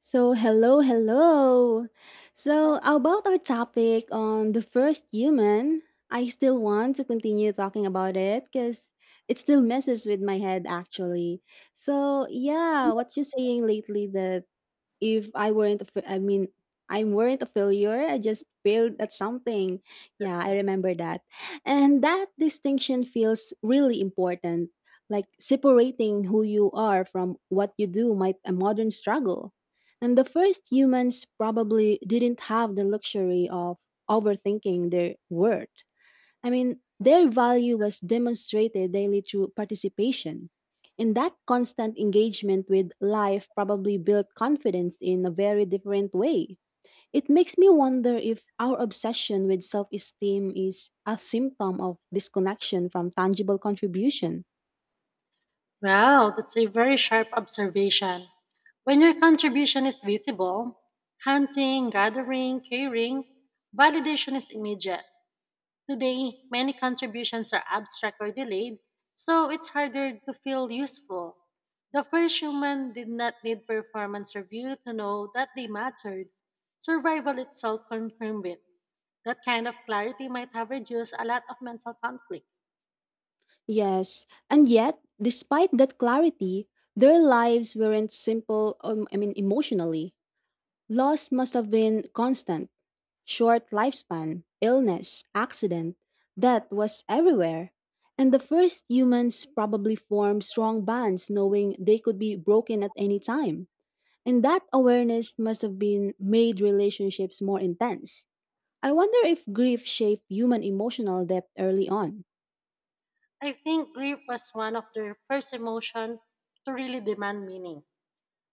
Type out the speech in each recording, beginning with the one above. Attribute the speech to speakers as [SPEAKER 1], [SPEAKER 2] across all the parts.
[SPEAKER 1] So, hello, hello.
[SPEAKER 2] Yes,
[SPEAKER 1] So, about our topic on the first human, I still want to continue talking about it because it still messes with my head actually. So, yeah, what you saying lately that if I weren't, I mean, I weren't a failure. I just failed at something. Yeah,
[SPEAKER 2] that's
[SPEAKER 1] I
[SPEAKER 2] right.
[SPEAKER 1] remember that. And that distinction feels really important. Like separating who you are from what you do might a modern struggle. And the first humans probably didn't have the luxury of overthinking their worth. I mean, their value was demonstrated daily through participation. And that constant engagement with life probably built confidence in a very different way. It makes me wonder if our obsession with self esteem is a symptom of disconnection from tangible contribution.
[SPEAKER 2] Well, that's a very sharp observation. When your contribution is visible, hunting, gathering, caring, validation is immediate. Today, many contributions are abstract or delayed, so it's harder to feel useful. The first human did not need performance review to know that they mattered. Survival itself confirmed it. That kind of clarity might have reduced a lot of mental conflict.
[SPEAKER 1] Yes, and yet, despite that clarity, their lives weren't simple, I mean, emotionally. Loss must have been constant. Short lifespan, illness, accident, death was everywhere. And the first humans probably formed strong bonds knowing they could be broken at any time. And that awareness must have been made relationships more intense. I wonder if grief shaped human emotional depth early on.
[SPEAKER 2] I think grief was one of the first emotions to really demand meaning.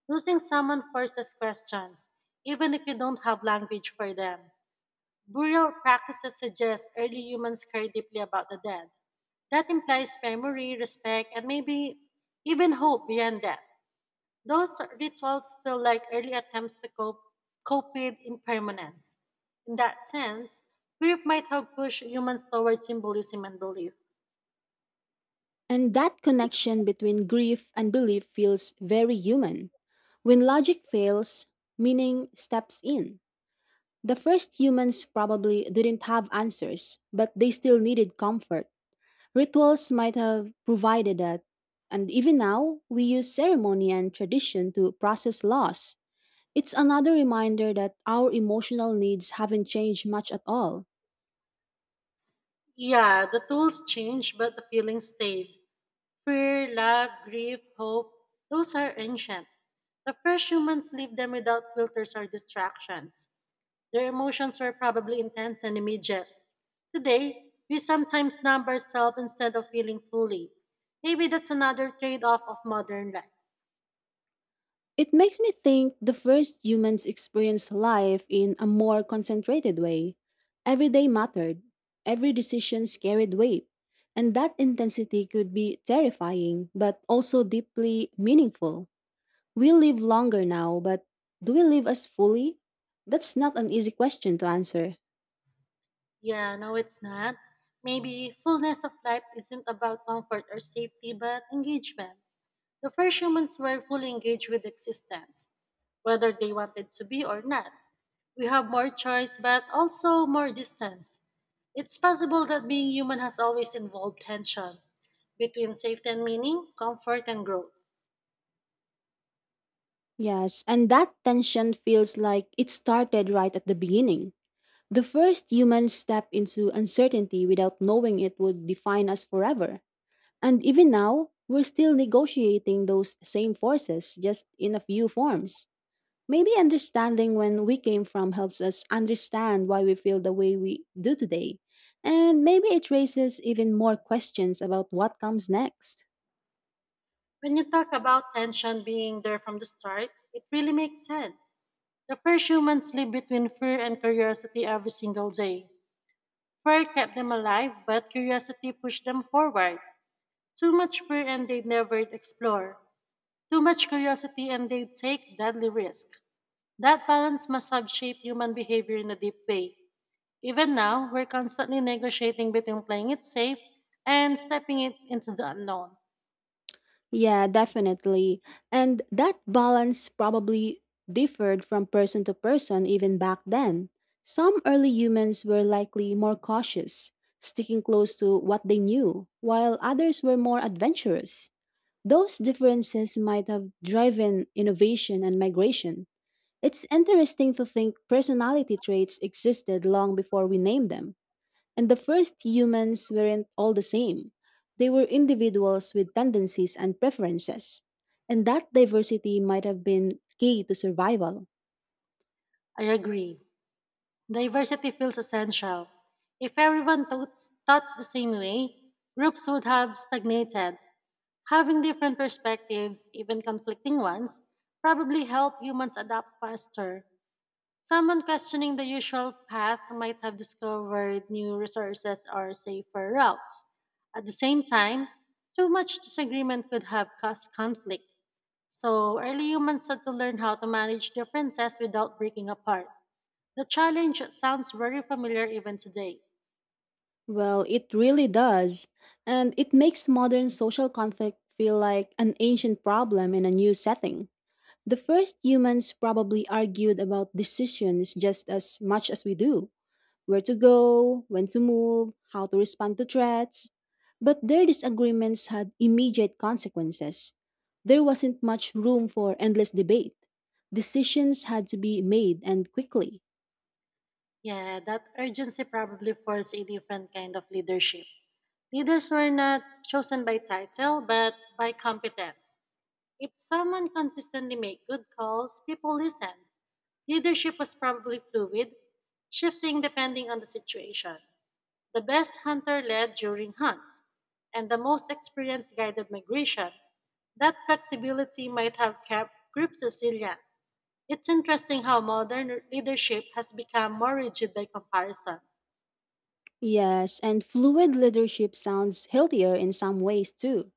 [SPEAKER 2] Losing someone forces questions, even if you don't have language for them. Burial practices suggest early humans cared deeply about the dead. That implies memory, respect, and maybe even hope beyond death. Those rituals feel like early attempts to cope with impermanence. In that sense, grief might have pushed humans towards symbolism and belief.
[SPEAKER 1] And that connection between grief and belief feels very human. When logic fails, meaning steps in. The first humans probably didn't have answers, but they still needed comfort. Rituals might have provided that. And even now, we use ceremony and tradition to process loss. It's another reminder that our emotional needs haven't changed much at all.
[SPEAKER 2] Yeah, the tools change, but the feelings stay. Fear, love, grief, hope, those are ancient. The first humans lived them without filters or distractions. Their emotions were probably intense and immediate. Today, we sometimes numb ourselves instead of feeling fully. Maybe that's another trade off of modern life.
[SPEAKER 1] It makes me think the first humans experienced life in a more concentrated way. Every day mattered, every decision carried weight, and that intensity could be terrifying but also deeply meaningful. We live longer now, but do we live as fully? That's not an easy question to answer.
[SPEAKER 2] Yeah, no, it's not. Maybe fullness of life isn't about comfort or safety, but engagement. The first humans were fully engaged with existence, whether they wanted to be or not. We have more choice, but also more distance. It's possible that being human has always involved tension between safety and meaning, comfort and growth.
[SPEAKER 1] Yes, and that tension feels like it started right at the beginning. The first humans stepped into uncertainty without knowing it would define us forever. And even now, we're still negotiating those same forces, just in a few forms. Maybe understanding when we came from helps us understand why we feel the way we do today. And maybe it raises even more questions about what comes next.
[SPEAKER 2] When you talk about tension being there from the start, it really makes sense. The first humans lived between fear and curiosity every single day. Fear kept them alive, but curiosity pushed them forward. Too much fear and they never explored. Too much curiosity and they take deadly risks. That balance must have shaped human behavior in a deep way. Even now, we're constantly negotiating between playing it safe and stepping it into the unknown.
[SPEAKER 1] Yeah, definitely. And that balance probably differed from person to person even back then. Some early humans were likely more cautious, sticking close to what they knew, while others were more adventurous. Those differences might have driven innovation and migration. It's interesting to think personality traits existed long before we named them. And the first humans weren't all the same. They were individuals with tendencies and preferences. And that diversity might have been key to survival.
[SPEAKER 2] I agree. Diversity feels essential. If everyone thought the same way, groups would have stagnated. Having different perspectives, even conflicting ones, probably help humans adapt faster. Someone questioning the usual path might have discovered new resources or safer routes. At the same time, too much disagreement could have caused conflict. So, early humans had to learn how to manage differences without breaking apart. The challenge sounds very familiar even today.
[SPEAKER 1] Well, it really does. And it makes modern social conflict feel like an ancient problem in a new setting. The first humans probably argued about decisions just as much as we do. Where to go, when to move, how to respond to threats. But their disagreements had immediate consequences. There wasn't much room for endless debate. Decisions had to be made and quickly.
[SPEAKER 2] Yeah, that urgency probably forced a different kind of leadership. Leaders were not chosen by title, but by competence. If someone consistently make good calls, people listen. Leadership was probably fluid, shifting depending on the situation. The best hunter led during hunts, and the most experienced guided migration. That flexibility might have kept groups resilient. It's interesting how modern leadership has become more rigid by comparison.
[SPEAKER 1] Yes, and fluid leadership sounds healthier in some ways too.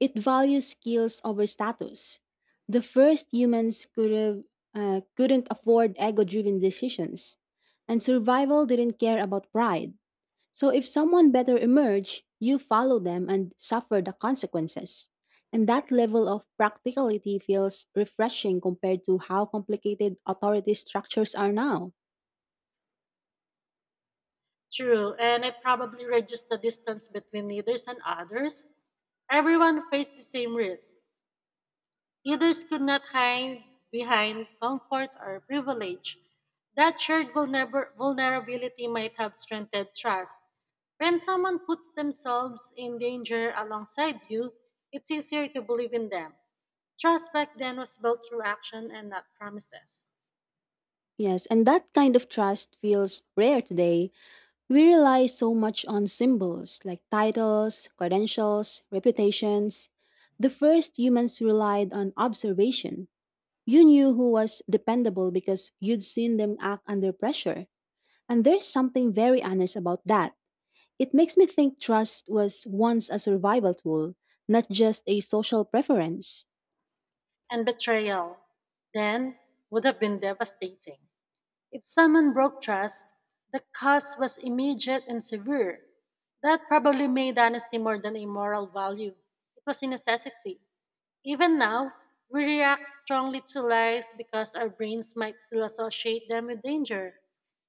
[SPEAKER 1] It values skills over status. The first humans could have, Couldn't afford ego driven decisions, and survival didn't care about pride. So if someone better emerge, you follow them and suffer the consequences. And that level of practicality feels refreshing compared to how complicated authority structures are now.
[SPEAKER 2] True, and it probably reduced the distance between leaders and others. Everyone faced the same risk. Others could not hide behind comfort or privilege. That shared vulnerability might have strengthened trust. When someone puts themselves in danger alongside you, it's easier to believe in them. Trust back then was built through action and not promises.
[SPEAKER 1] Yes, and that kind of trust feels rare today. We rely so much on symbols like titles, credentials, reputations. The first humans relied on observation. You knew who was dependable because you'd seen them act under pressure. And there's something very honest about that. It makes me think trust was once a survival tool, not just a social preference.
[SPEAKER 2] And betrayal then would have been devastating. If someone broke trust, the cost was immediate and severe. That probably made honesty more than a moral value. It was a necessity. Even now, we react strongly to lies because our brains might still associate them with danger.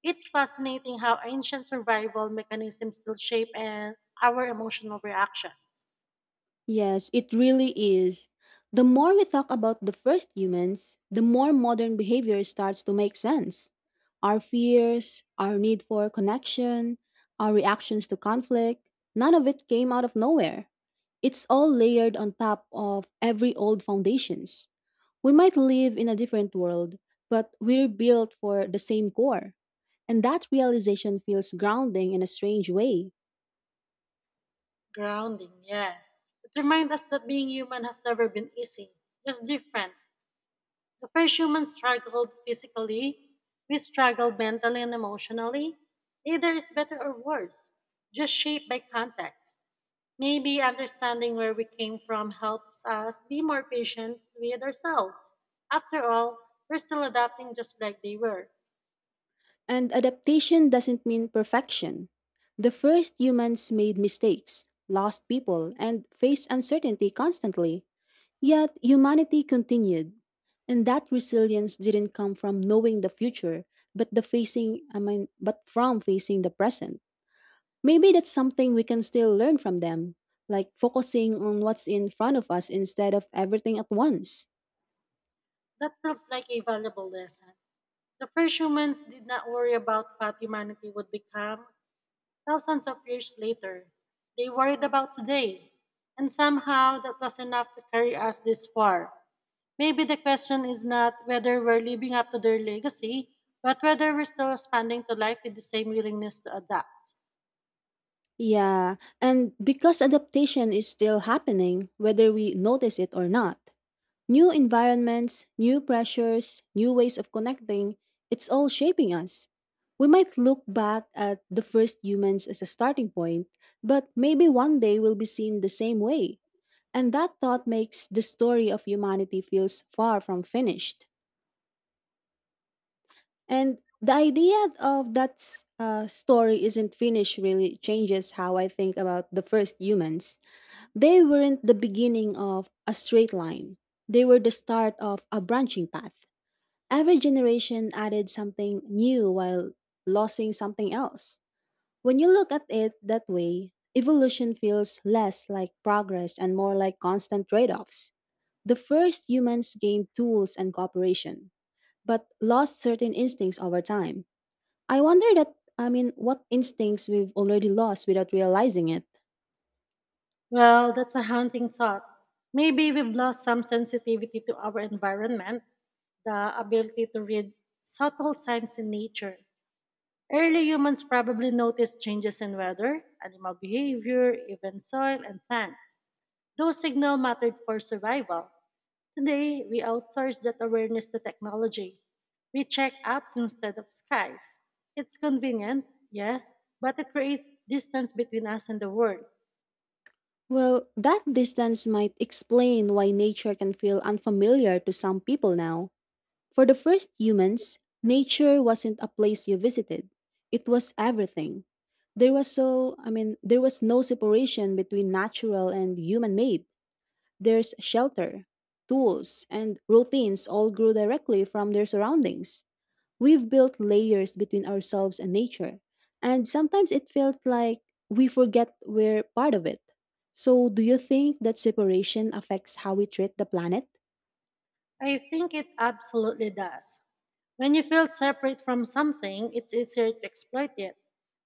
[SPEAKER 2] It's fascinating how ancient survival mechanisms still shape and our emotional reactions.
[SPEAKER 1] Yes, it really is. The more we talk about the first humans, the more modern behavior starts to make sense. Our fears, our need for connection, our reactions to conflict, none of it came out of nowhere. It's all layered on top of every old foundations. We might live in a different world, but we're built for the same core. And that realization feels grounding in a strange way.
[SPEAKER 2] Grounding, yeah. It reminds us that being human has never been easy, just different. The first humans struggled physically, we struggled mentally and emotionally. Neither is better or worse, just shaped by context. Maybe understanding where we came from helps us be more patient with ourselves. After all, we're still adapting just like they were.
[SPEAKER 1] And adaptation doesn't mean perfection. The first humans made mistakes, lost people, and faced uncertainty constantly. Yet humanity continued. And that resilience didn't come from knowing the future, but the facing I mean, but from facing the present. Maybe that's something we can still learn from them, like focusing on what's in front of us instead of everything at once.
[SPEAKER 2] That feels like a valuable lesson. The first humans did not worry about what humanity would become. Thousands of years later, they worried about today, and somehow that was enough to carry us this far. Maybe the question is not whether we're living up to their legacy, but whether we're still responding to life with the same willingness to adapt.
[SPEAKER 1] Yeah, and because adaptation is still happening, whether we notice it or not, new environments, new pressures, new ways of connecting, it's all shaping us. We might look back at the first humans as a starting point, but maybe one day we'll be seen the same way. And that thought makes the story of humanity feels far from finished. And the idea of that story isn't finished really changes how I think about the first humans. They weren't the beginning of a straight line, they were the start of a branching path. Every generation added something new while losing something else. When you look at it that way, evolution feels less like progress and more like constant trade offs. The first humans gained tools and cooperation, but lost certain instincts over time. I wonder I mean, what instincts we've already lost without realizing it.
[SPEAKER 2] Well, that's a haunting thought. Maybe we've lost some sensitivity to our environment, the ability to read subtle signs in nature. Early humans probably noticed changes in weather, animal behavior, even soil and plants. Those signals mattered for survival. Today, we outsource that awareness to technology. We check apps instead of skies. It's convenient, yes, but it creates distance between us and the world.
[SPEAKER 1] Well, that distance might explain why nature can feel unfamiliar to some people now. For the first humans, nature wasn't a place you visited, it was everything. I mean, there was no separation between natural and human made. There's shelter, tools, and routines all grew directly from their surroundings. We've built layers between ourselves and nature, and sometimes it felt like we forget we're part of it. So, do you think that separation affects how we treat the planet?
[SPEAKER 2] I think it absolutely does. When you feel separate from something, it's easier to exploit it.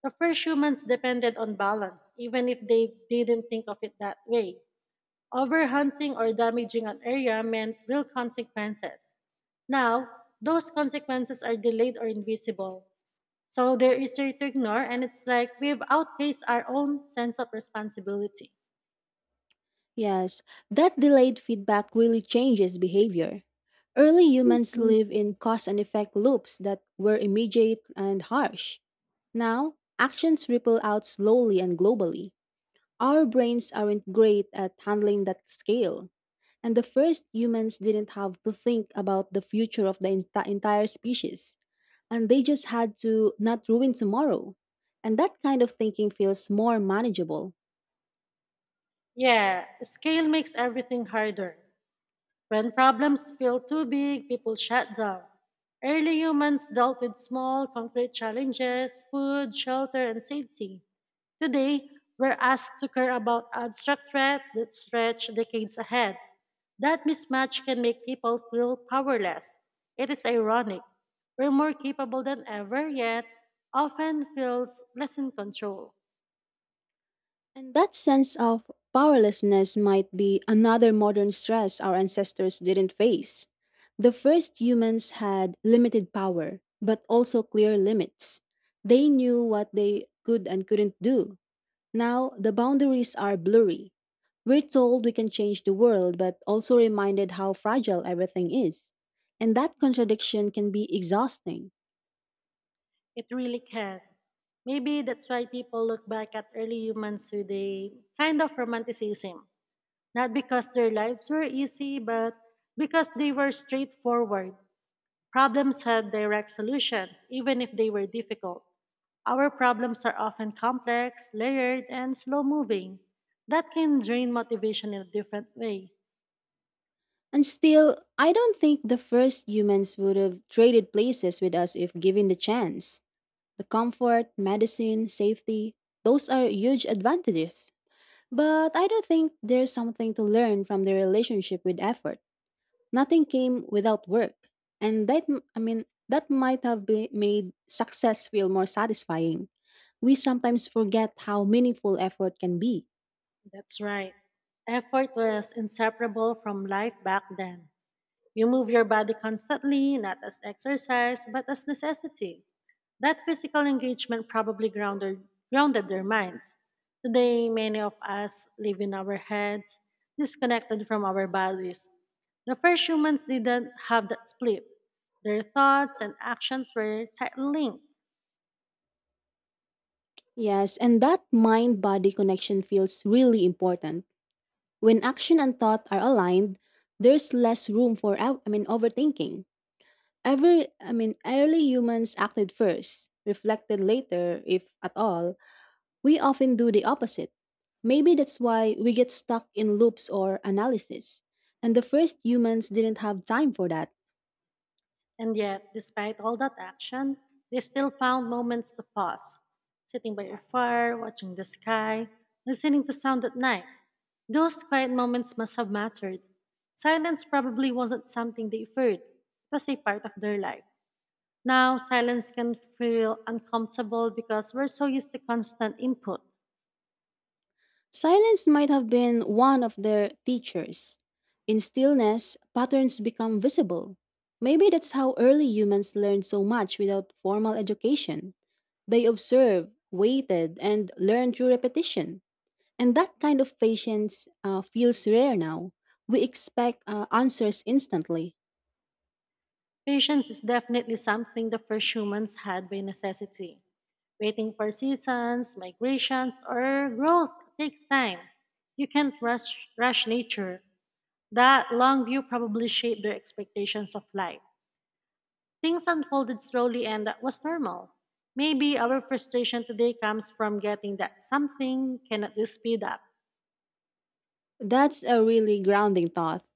[SPEAKER 2] The first humans depended on balance, even if they didn't think of it that way. Overhunting or damaging an area meant real consequences. Now, those consequences are delayed or invisible. So they're easier to ignore, and it's like we've outpaced our own sense of responsibility.
[SPEAKER 1] Yes, that delayed feedback really changes behavior. Early humans
[SPEAKER 2] Mm.
[SPEAKER 1] live in cause and effect loops that were immediate and harsh. Now, actions ripple out slowly and globally. Our brains aren't great at handling that scale, and the first humans didn't have to think about the future of the entire species, and they just had to not ruin tomorrow. And that kind of thinking feels more manageable.
[SPEAKER 2] Yeah, scale makes everything harder. When problems feel too big, people shut down. Early humans dealt with small, concrete challenges food, shelter, and safety. Today, we're asked to care about abstract threats that stretch decades ahead. That mismatch can make people feel powerless. It is ironic. We're more capable than ever, yet often feels less in control.
[SPEAKER 1] And that sense of powerlessness might be another modern stress our ancestors didn't face. The first humans had limited power, but also clear limits. They knew what they could and couldn't do. Now, the boundaries are blurry. We're told we can change the world, but also reminded how fragile everything is. And that contradiction can be exhausting.
[SPEAKER 2] It really can. Maybe that's why people look back at early humans with a kind of romanticism. Not because their lives were easy, but because they were straightforward. Problems had direct solutions, even if they were difficult. Our problems are often complex, layered, and slow moving. That can drain motivation in a different way.
[SPEAKER 1] And still, I don't think the first humans would have traded places with us if given the chance. The comfort, medicine, safety, those are huge advantages. But I don't think there's something to learn from the relationship with effort. Nothing came without work, and I mean, that might made success feel more satisfying. We sometimes forget how meaningful effort can be.
[SPEAKER 2] That's right. Effort was inseparable from life back then. You move your body constantly, not as exercise, but as necessity. That physical engagement probably grounded their minds. Today, many of us live in our heads, disconnected from our bodies. The first humans didn't have that split. Their thoughts and actions were tightly linked.
[SPEAKER 1] Yes, and that mind body connection feels really important. When action and thought are aligned, there's less room for I mean, overthinking. Every I mean, early humans acted first, reflected later if at all, we often do the opposite. Maybe that's why we get stuck in loops or analysis. And the first humans didn't have time for that.
[SPEAKER 2] And yet, despite all that action, they still found moments to pause, sitting by your fire, watching the sky, listening to sound at night. Those quiet moments must have mattered. Silence probably wasn't something they feared, it was a part of their life. Now, silence can feel uncomfortable because we're so used to constant input.
[SPEAKER 1] Silence might have been one of their teachers. In stillness, patterns become visible. Maybe that's how early humans learned so much without formal education. They observed, waited, and learned through repetition. And that kind of patience feels rare now. We expect answers instantly.
[SPEAKER 2] Patience is definitely something the first humans had by necessity. Waiting for seasons, migrations, or growth takes time. You can't rush nature. That long view probably shaped their expectations of life. Things unfolded slowly, and that was normal. Maybe our frustration today comes from getting that something cannot be speed up.
[SPEAKER 1] That's a really grounding thought.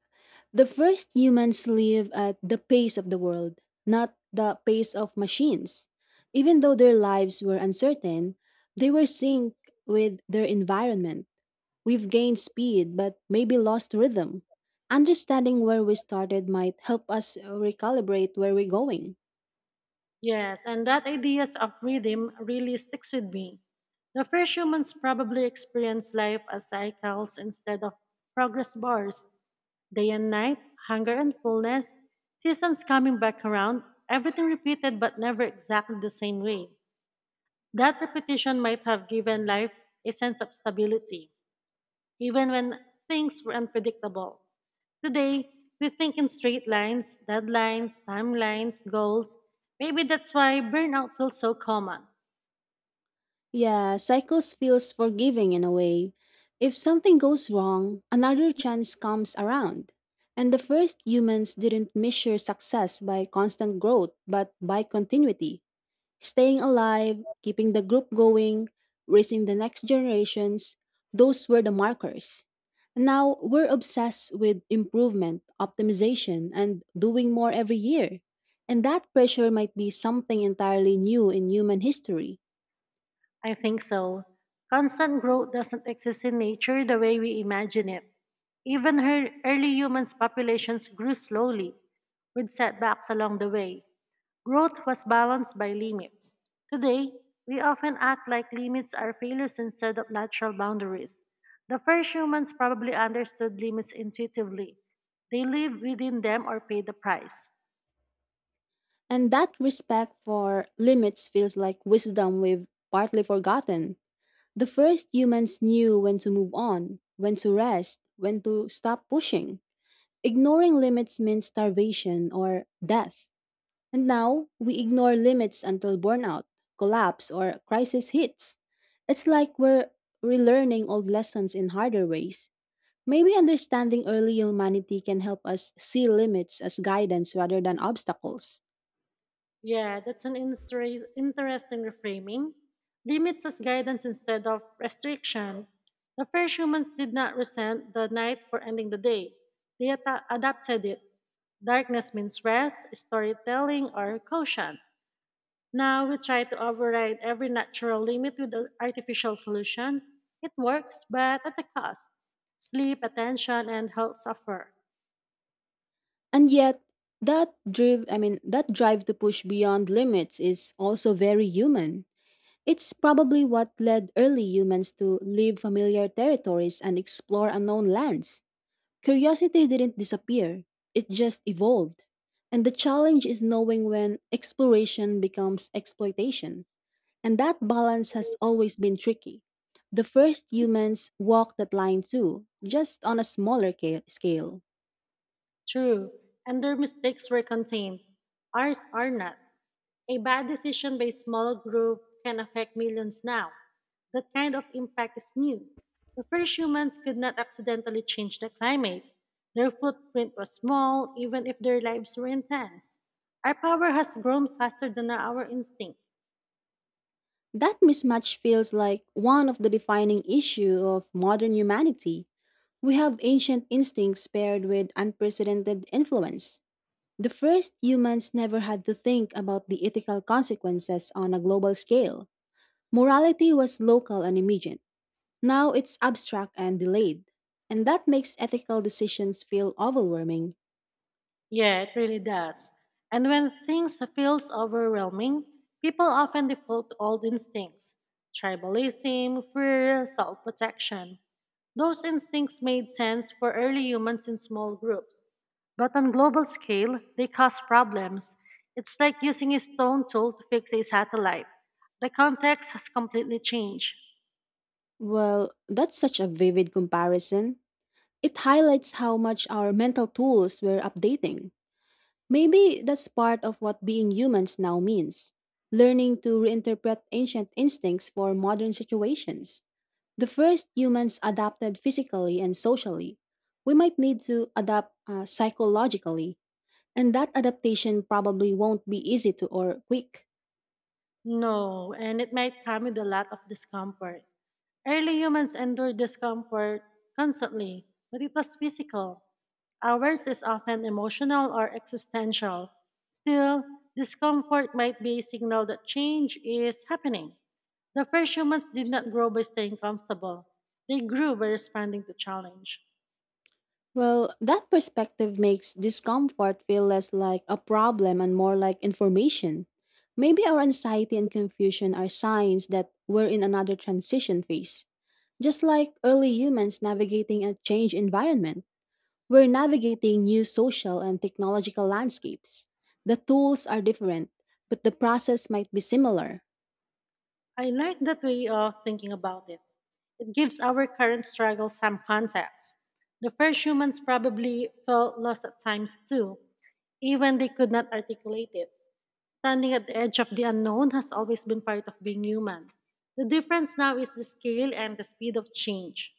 [SPEAKER 1] The first humans live at the pace of the world, not the pace of machines. Even though their lives were uncertain, they were synced with their environment. We've gained speed, but maybe lost rhythm. Understanding where we started might help us recalibrate where we're going.
[SPEAKER 2] Yes, and that ideas of rhythm really sticks with me. The first humans probably experienced life as cycles instead of progress bars. Day and night, hunger and fullness, seasons coming back around, everything repeated but never exactly the same way. That repetition might have given life a sense of stability, even when things were unpredictable. Today, we think in straight lines, deadlines, timelines, goals. Maybe that's why burnout feels so common.
[SPEAKER 1] Yeah, cycles feels forgiving in a way. If something goes wrong, another chance comes around. And the first humans didn't measure success by constant growth, but by continuity. Staying alive, keeping the group going, raising the next generations, those were the markers. Now we're obsessed with improvement, optimization, and doing more every year. And that pressure might be something entirely new in human history.
[SPEAKER 2] I think so. Constant growth doesn't exist in nature the way we imagine it. Even her early humans' populations grew slowly, with setbacks along the way. Growth was balanced by limits. Today, we often act like limits are failures instead of natural boundaries. The first humans probably understood limits intuitively. They lived within them or paid the price.
[SPEAKER 1] And that respect for limits feels like wisdom we've partly forgotten. The first humans knew when to move on, when to rest, when to stop pushing. Ignoring limits means starvation or death. And now we ignore limits until burnout, collapse, or crisis hits. It's like we're relearning old lessons in harder ways. Maybe understanding early humanity can help us see limits as guidance rather than obstacles.
[SPEAKER 2] Yeah, that's an interesting reframing. Limits as guidance instead of restriction. The first humans did not resent the night for ending the day. They adapted it. Darkness means rest, storytelling, or caution. Now we try to override every natural limit with artificial solutions. It works, but at a cost. Sleep, attention, and health suffer.
[SPEAKER 1] And yet, I mean, that drive to push beyond limits is also very human. It's probably what led early humans to leave familiar territories and explore unknown lands. Curiosity didn't disappear, it just evolved. And the challenge is knowing when exploration becomes exploitation. And that balance has always been tricky. The first humans walked that line too, just on a smaller scale.
[SPEAKER 2] True, and their mistakes were contained. Ours are not. A bad decision by a small group can affect millions now. That kind of impact is new. The first humans could not accidentally change the climate. Their footprint was small, even if their lives were intense. Our power has grown faster than our instinct.
[SPEAKER 1] That mismatch feels like one of the defining issues of modern humanity. We have ancient instincts paired with unprecedented influence. The first humans never had to think about the ethical consequences on a global scale. Morality was local and immediate. Now it's abstract and delayed. And that makes ethical decisions feel overwhelming.
[SPEAKER 2] Yeah, it really does. And when things feels overwhelming, people often default to old instincts, tribalism, fear, self-protection. Those instincts made sense for early humans in small groups, but on global scale, they cause problems. It's like using a stone tool to fix a satellite. The context has completely changed.
[SPEAKER 1] Well, that's such a vivid comparison. It highlights how much our mental tools were updating. Maybe that's part of what being humans now means learning to reinterpret ancient instincts for modern situations. The first humans adapted physically and socially. We might need to adapt psychologically, and that adaptation probably won't be easy to or quick.
[SPEAKER 2] No, and it might come with a lot of discomfort. Early humans endured discomfort constantly, but it was physical. Ours is often emotional or existential. Still, discomfort might be a signal that change is happening. The first humans did not grow by staying comfortable, they grew by responding to challenge.
[SPEAKER 1] Well, that perspective makes discomfort feel less like a problem and more like information. Maybe our anxiety and confusion are signs that we're in another transition phase. Just like early humans navigating a change environment, we're navigating new social and technological landscapes. The tools are different, but the process might be similar.
[SPEAKER 2] I like that way of thinking about it. It gives our current struggle some context. The first humans probably felt lost at times too, even they could not articulate it. Standing at the edge of the unknown has always been part of being human. The difference now is the scale and the speed of change.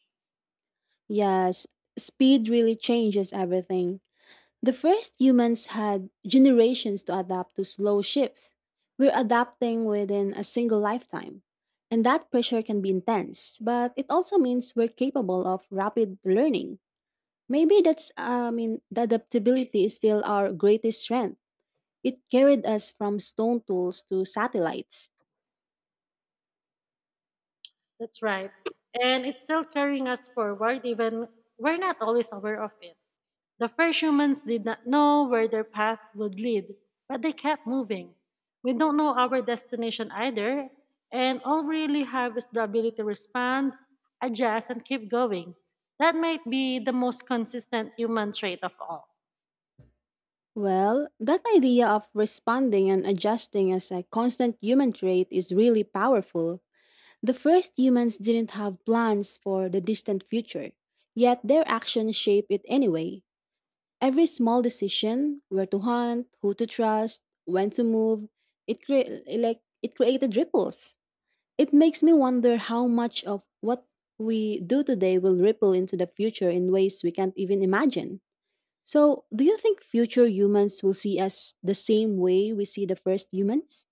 [SPEAKER 1] Yes, speed really changes everything. The first humans had generations to adapt to slow shifts. We're adapting within a single lifetime. And that pressure can be intense, but it also means we're capable of rapid learning. Maybe the adaptability is still our greatest strength. It carried us from stone tools to satellites.
[SPEAKER 2] That's right. And it's still carrying us forward, even we're not always aware of it. The first humans did not know where their path would lead, but they kept moving. We don't know our destination either, and all we really have is the ability to respond, adjust, and keep going. That might be the most consistent human trait of all.
[SPEAKER 1] Well, that idea of responding and adjusting as a constant human trait is really powerful. The first humans didn't have plans for the distant future, yet their actions shape it anyway. Every small decision, where to hunt, who to trust, when to move, it created ripples. It makes me wonder how much of what we do today will ripple into the future in ways we can't even imagine. So, do you think future humans will see us the same way we see the first humans?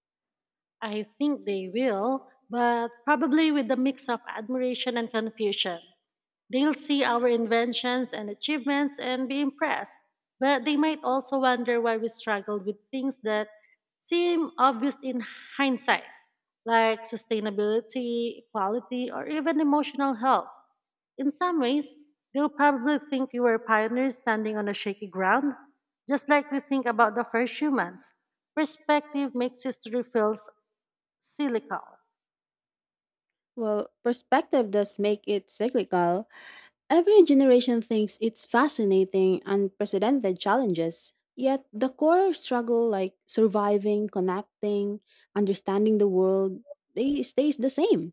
[SPEAKER 2] I think they will, but probably with a mix of admiration and confusion. They'll see our inventions and achievements and be impressed, but they might also wonder why we struggled with things that seem obvious in hindsight, like sustainability, equality, or even emotional health. In some ways, they'll probably think you were pioneers standing on a shaky ground, just like we think about the first humans. Perspective makes history feels cyclical.
[SPEAKER 1] Well, perspective does make it cyclical. Every generation thinks it's fascinating, unprecedented challenges. Yet the core struggle like surviving, connecting, understanding the world, they stays the same.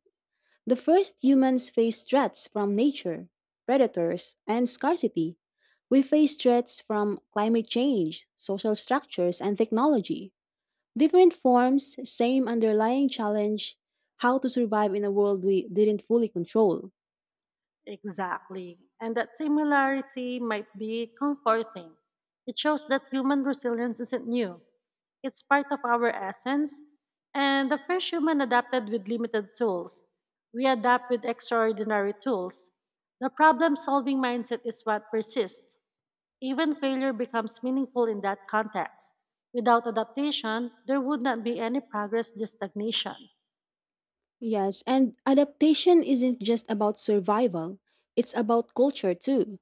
[SPEAKER 1] The first humans faced threats from nature, predators, and scarcity. We face threats from climate change, social structures, and technology. Different forms, same underlying challenge, how to survive in a world we didn't fully control.
[SPEAKER 2] Exactly. And that similarity might be comforting. It shows that human resilience isn't new, it's part of our essence. And the first human adapted with limited tools. We adapt with extraordinary tools. The problem solving mindset is what persists. Even failure becomes meaningful in that context. Without adaptation, there would not be any progress, just stagnation.
[SPEAKER 1] Yes, and adaptation isn't just about survival, it's about culture too.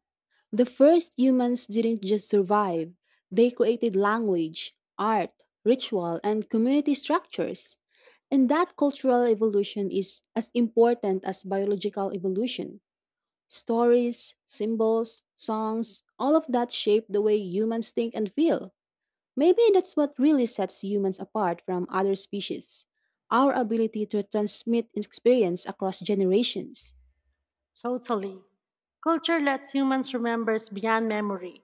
[SPEAKER 1] The first humans didn't just survive, they created language, art, ritual, and community structures. And that cultural evolution is as important as biological evolution. Stories, symbols, songs, all of that shape the way humans think and feel. Maybe that's what really sets humans apart from other species our ability to transmit experience across generations.
[SPEAKER 2] Totally. Culture lets humans remember beyond memory.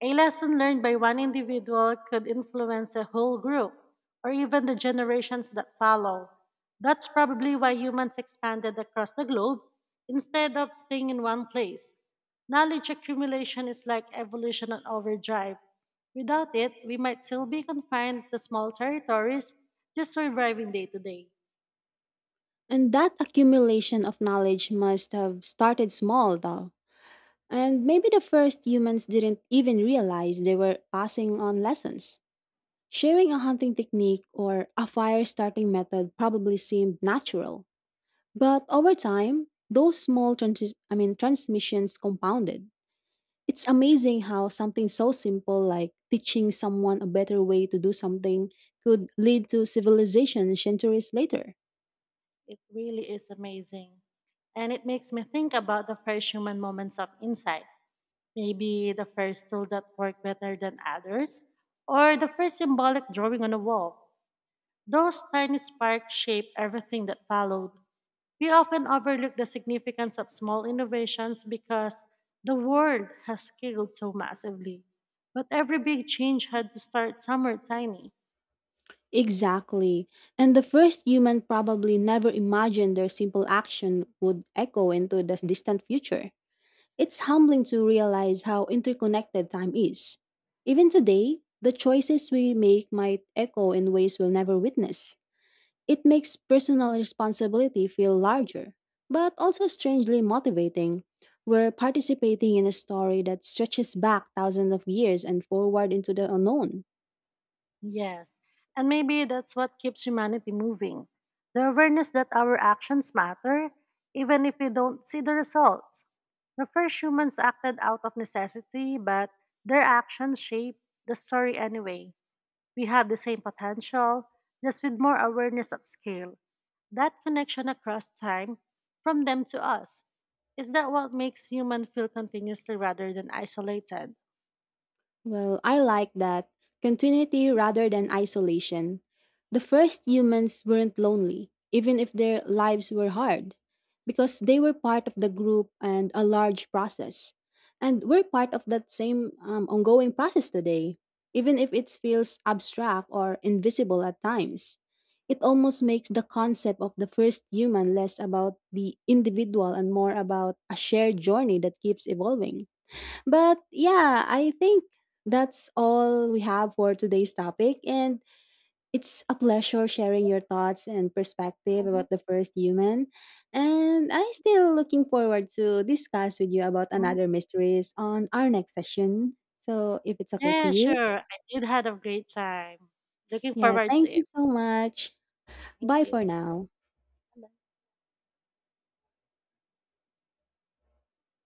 [SPEAKER 2] A lesson learned by one individual could influence a whole group, or even the generations that follow. That's probably why humans expanded across the globe instead of staying in one place. Knowledge accumulation is like evolution on overdrive. Without it, we might still be confined to small territories, just surviving day to day.
[SPEAKER 1] And that accumulation of knowledge must have started small, though. And maybe the first humans didn't even realize they were passing on lessons. Sharing a hunting technique or a fire starting method probably seemed natural. But over time, those small transmissions compounded. It's amazing how something so simple like teaching someone a better way to do something could lead to civilization centuries later.
[SPEAKER 2] It really is amazing. And it makes me think about the first human moments of insight. Maybe the first tool that worked better than others, or the first symbolic drawing on a wall. Those tiny sparks shape everything that followed. We often overlook the significance of small innovations because the world has scaled so massively. But every big change had to start somewhere tiny.
[SPEAKER 1] Exactly. And the first human probably never imagined their simple action would echo into the distant future. It's humbling to realize how interconnected time is. Even today, the choices we make might echo in ways we'll never witness. It makes personal responsibility feel larger, but also strangely motivating. We're participating in a story that stretches back thousands of years and forward into the unknown.
[SPEAKER 2] Yes, and maybe that's what keeps humanity moving the awareness that our actions matter, even if we don't see the results. The first humans acted out of necessity, but their actions shaped the story anyway. We have the same potential, just with more awareness of scale. That connection across time, from them to us, is that what makes human feel continuously rather than isolated?
[SPEAKER 1] Well, I like that. Continuity rather than isolation. The first humans weren't lonely, even if their lives were hard, because they were part of the group and a large process. And we're part of that same ongoing process today, even if it feels abstract or invisible at times. It almost makes the concept of the first human less about the individual and more about a shared journey that keeps evolving. But yeah, I think that's all we have for today's topic. And it's a pleasure sharing your thoughts and perspective about the first human. And I'm still looking forward to discuss with you about
[SPEAKER 2] Mhm.
[SPEAKER 1] another mysteries on our next session. So if it's okay to
[SPEAKER 2] Yeah,
[SPEAKER 1] you,
[SPEAKER 2] sure. I did had a great time. Looking
[SPEAKER 1] yeah,
[SPEAKER 2] forward
[SPEAKER 1] thank
[SPEAKER 2] to it.
[SPEAKER 1] you so much.
[SPEAKER 2] Thank
[SPEAKER 1] Bye for
[SPEAKER 2] you.
[SPEAKER 1] now.
[SPEAKER 2] Bye.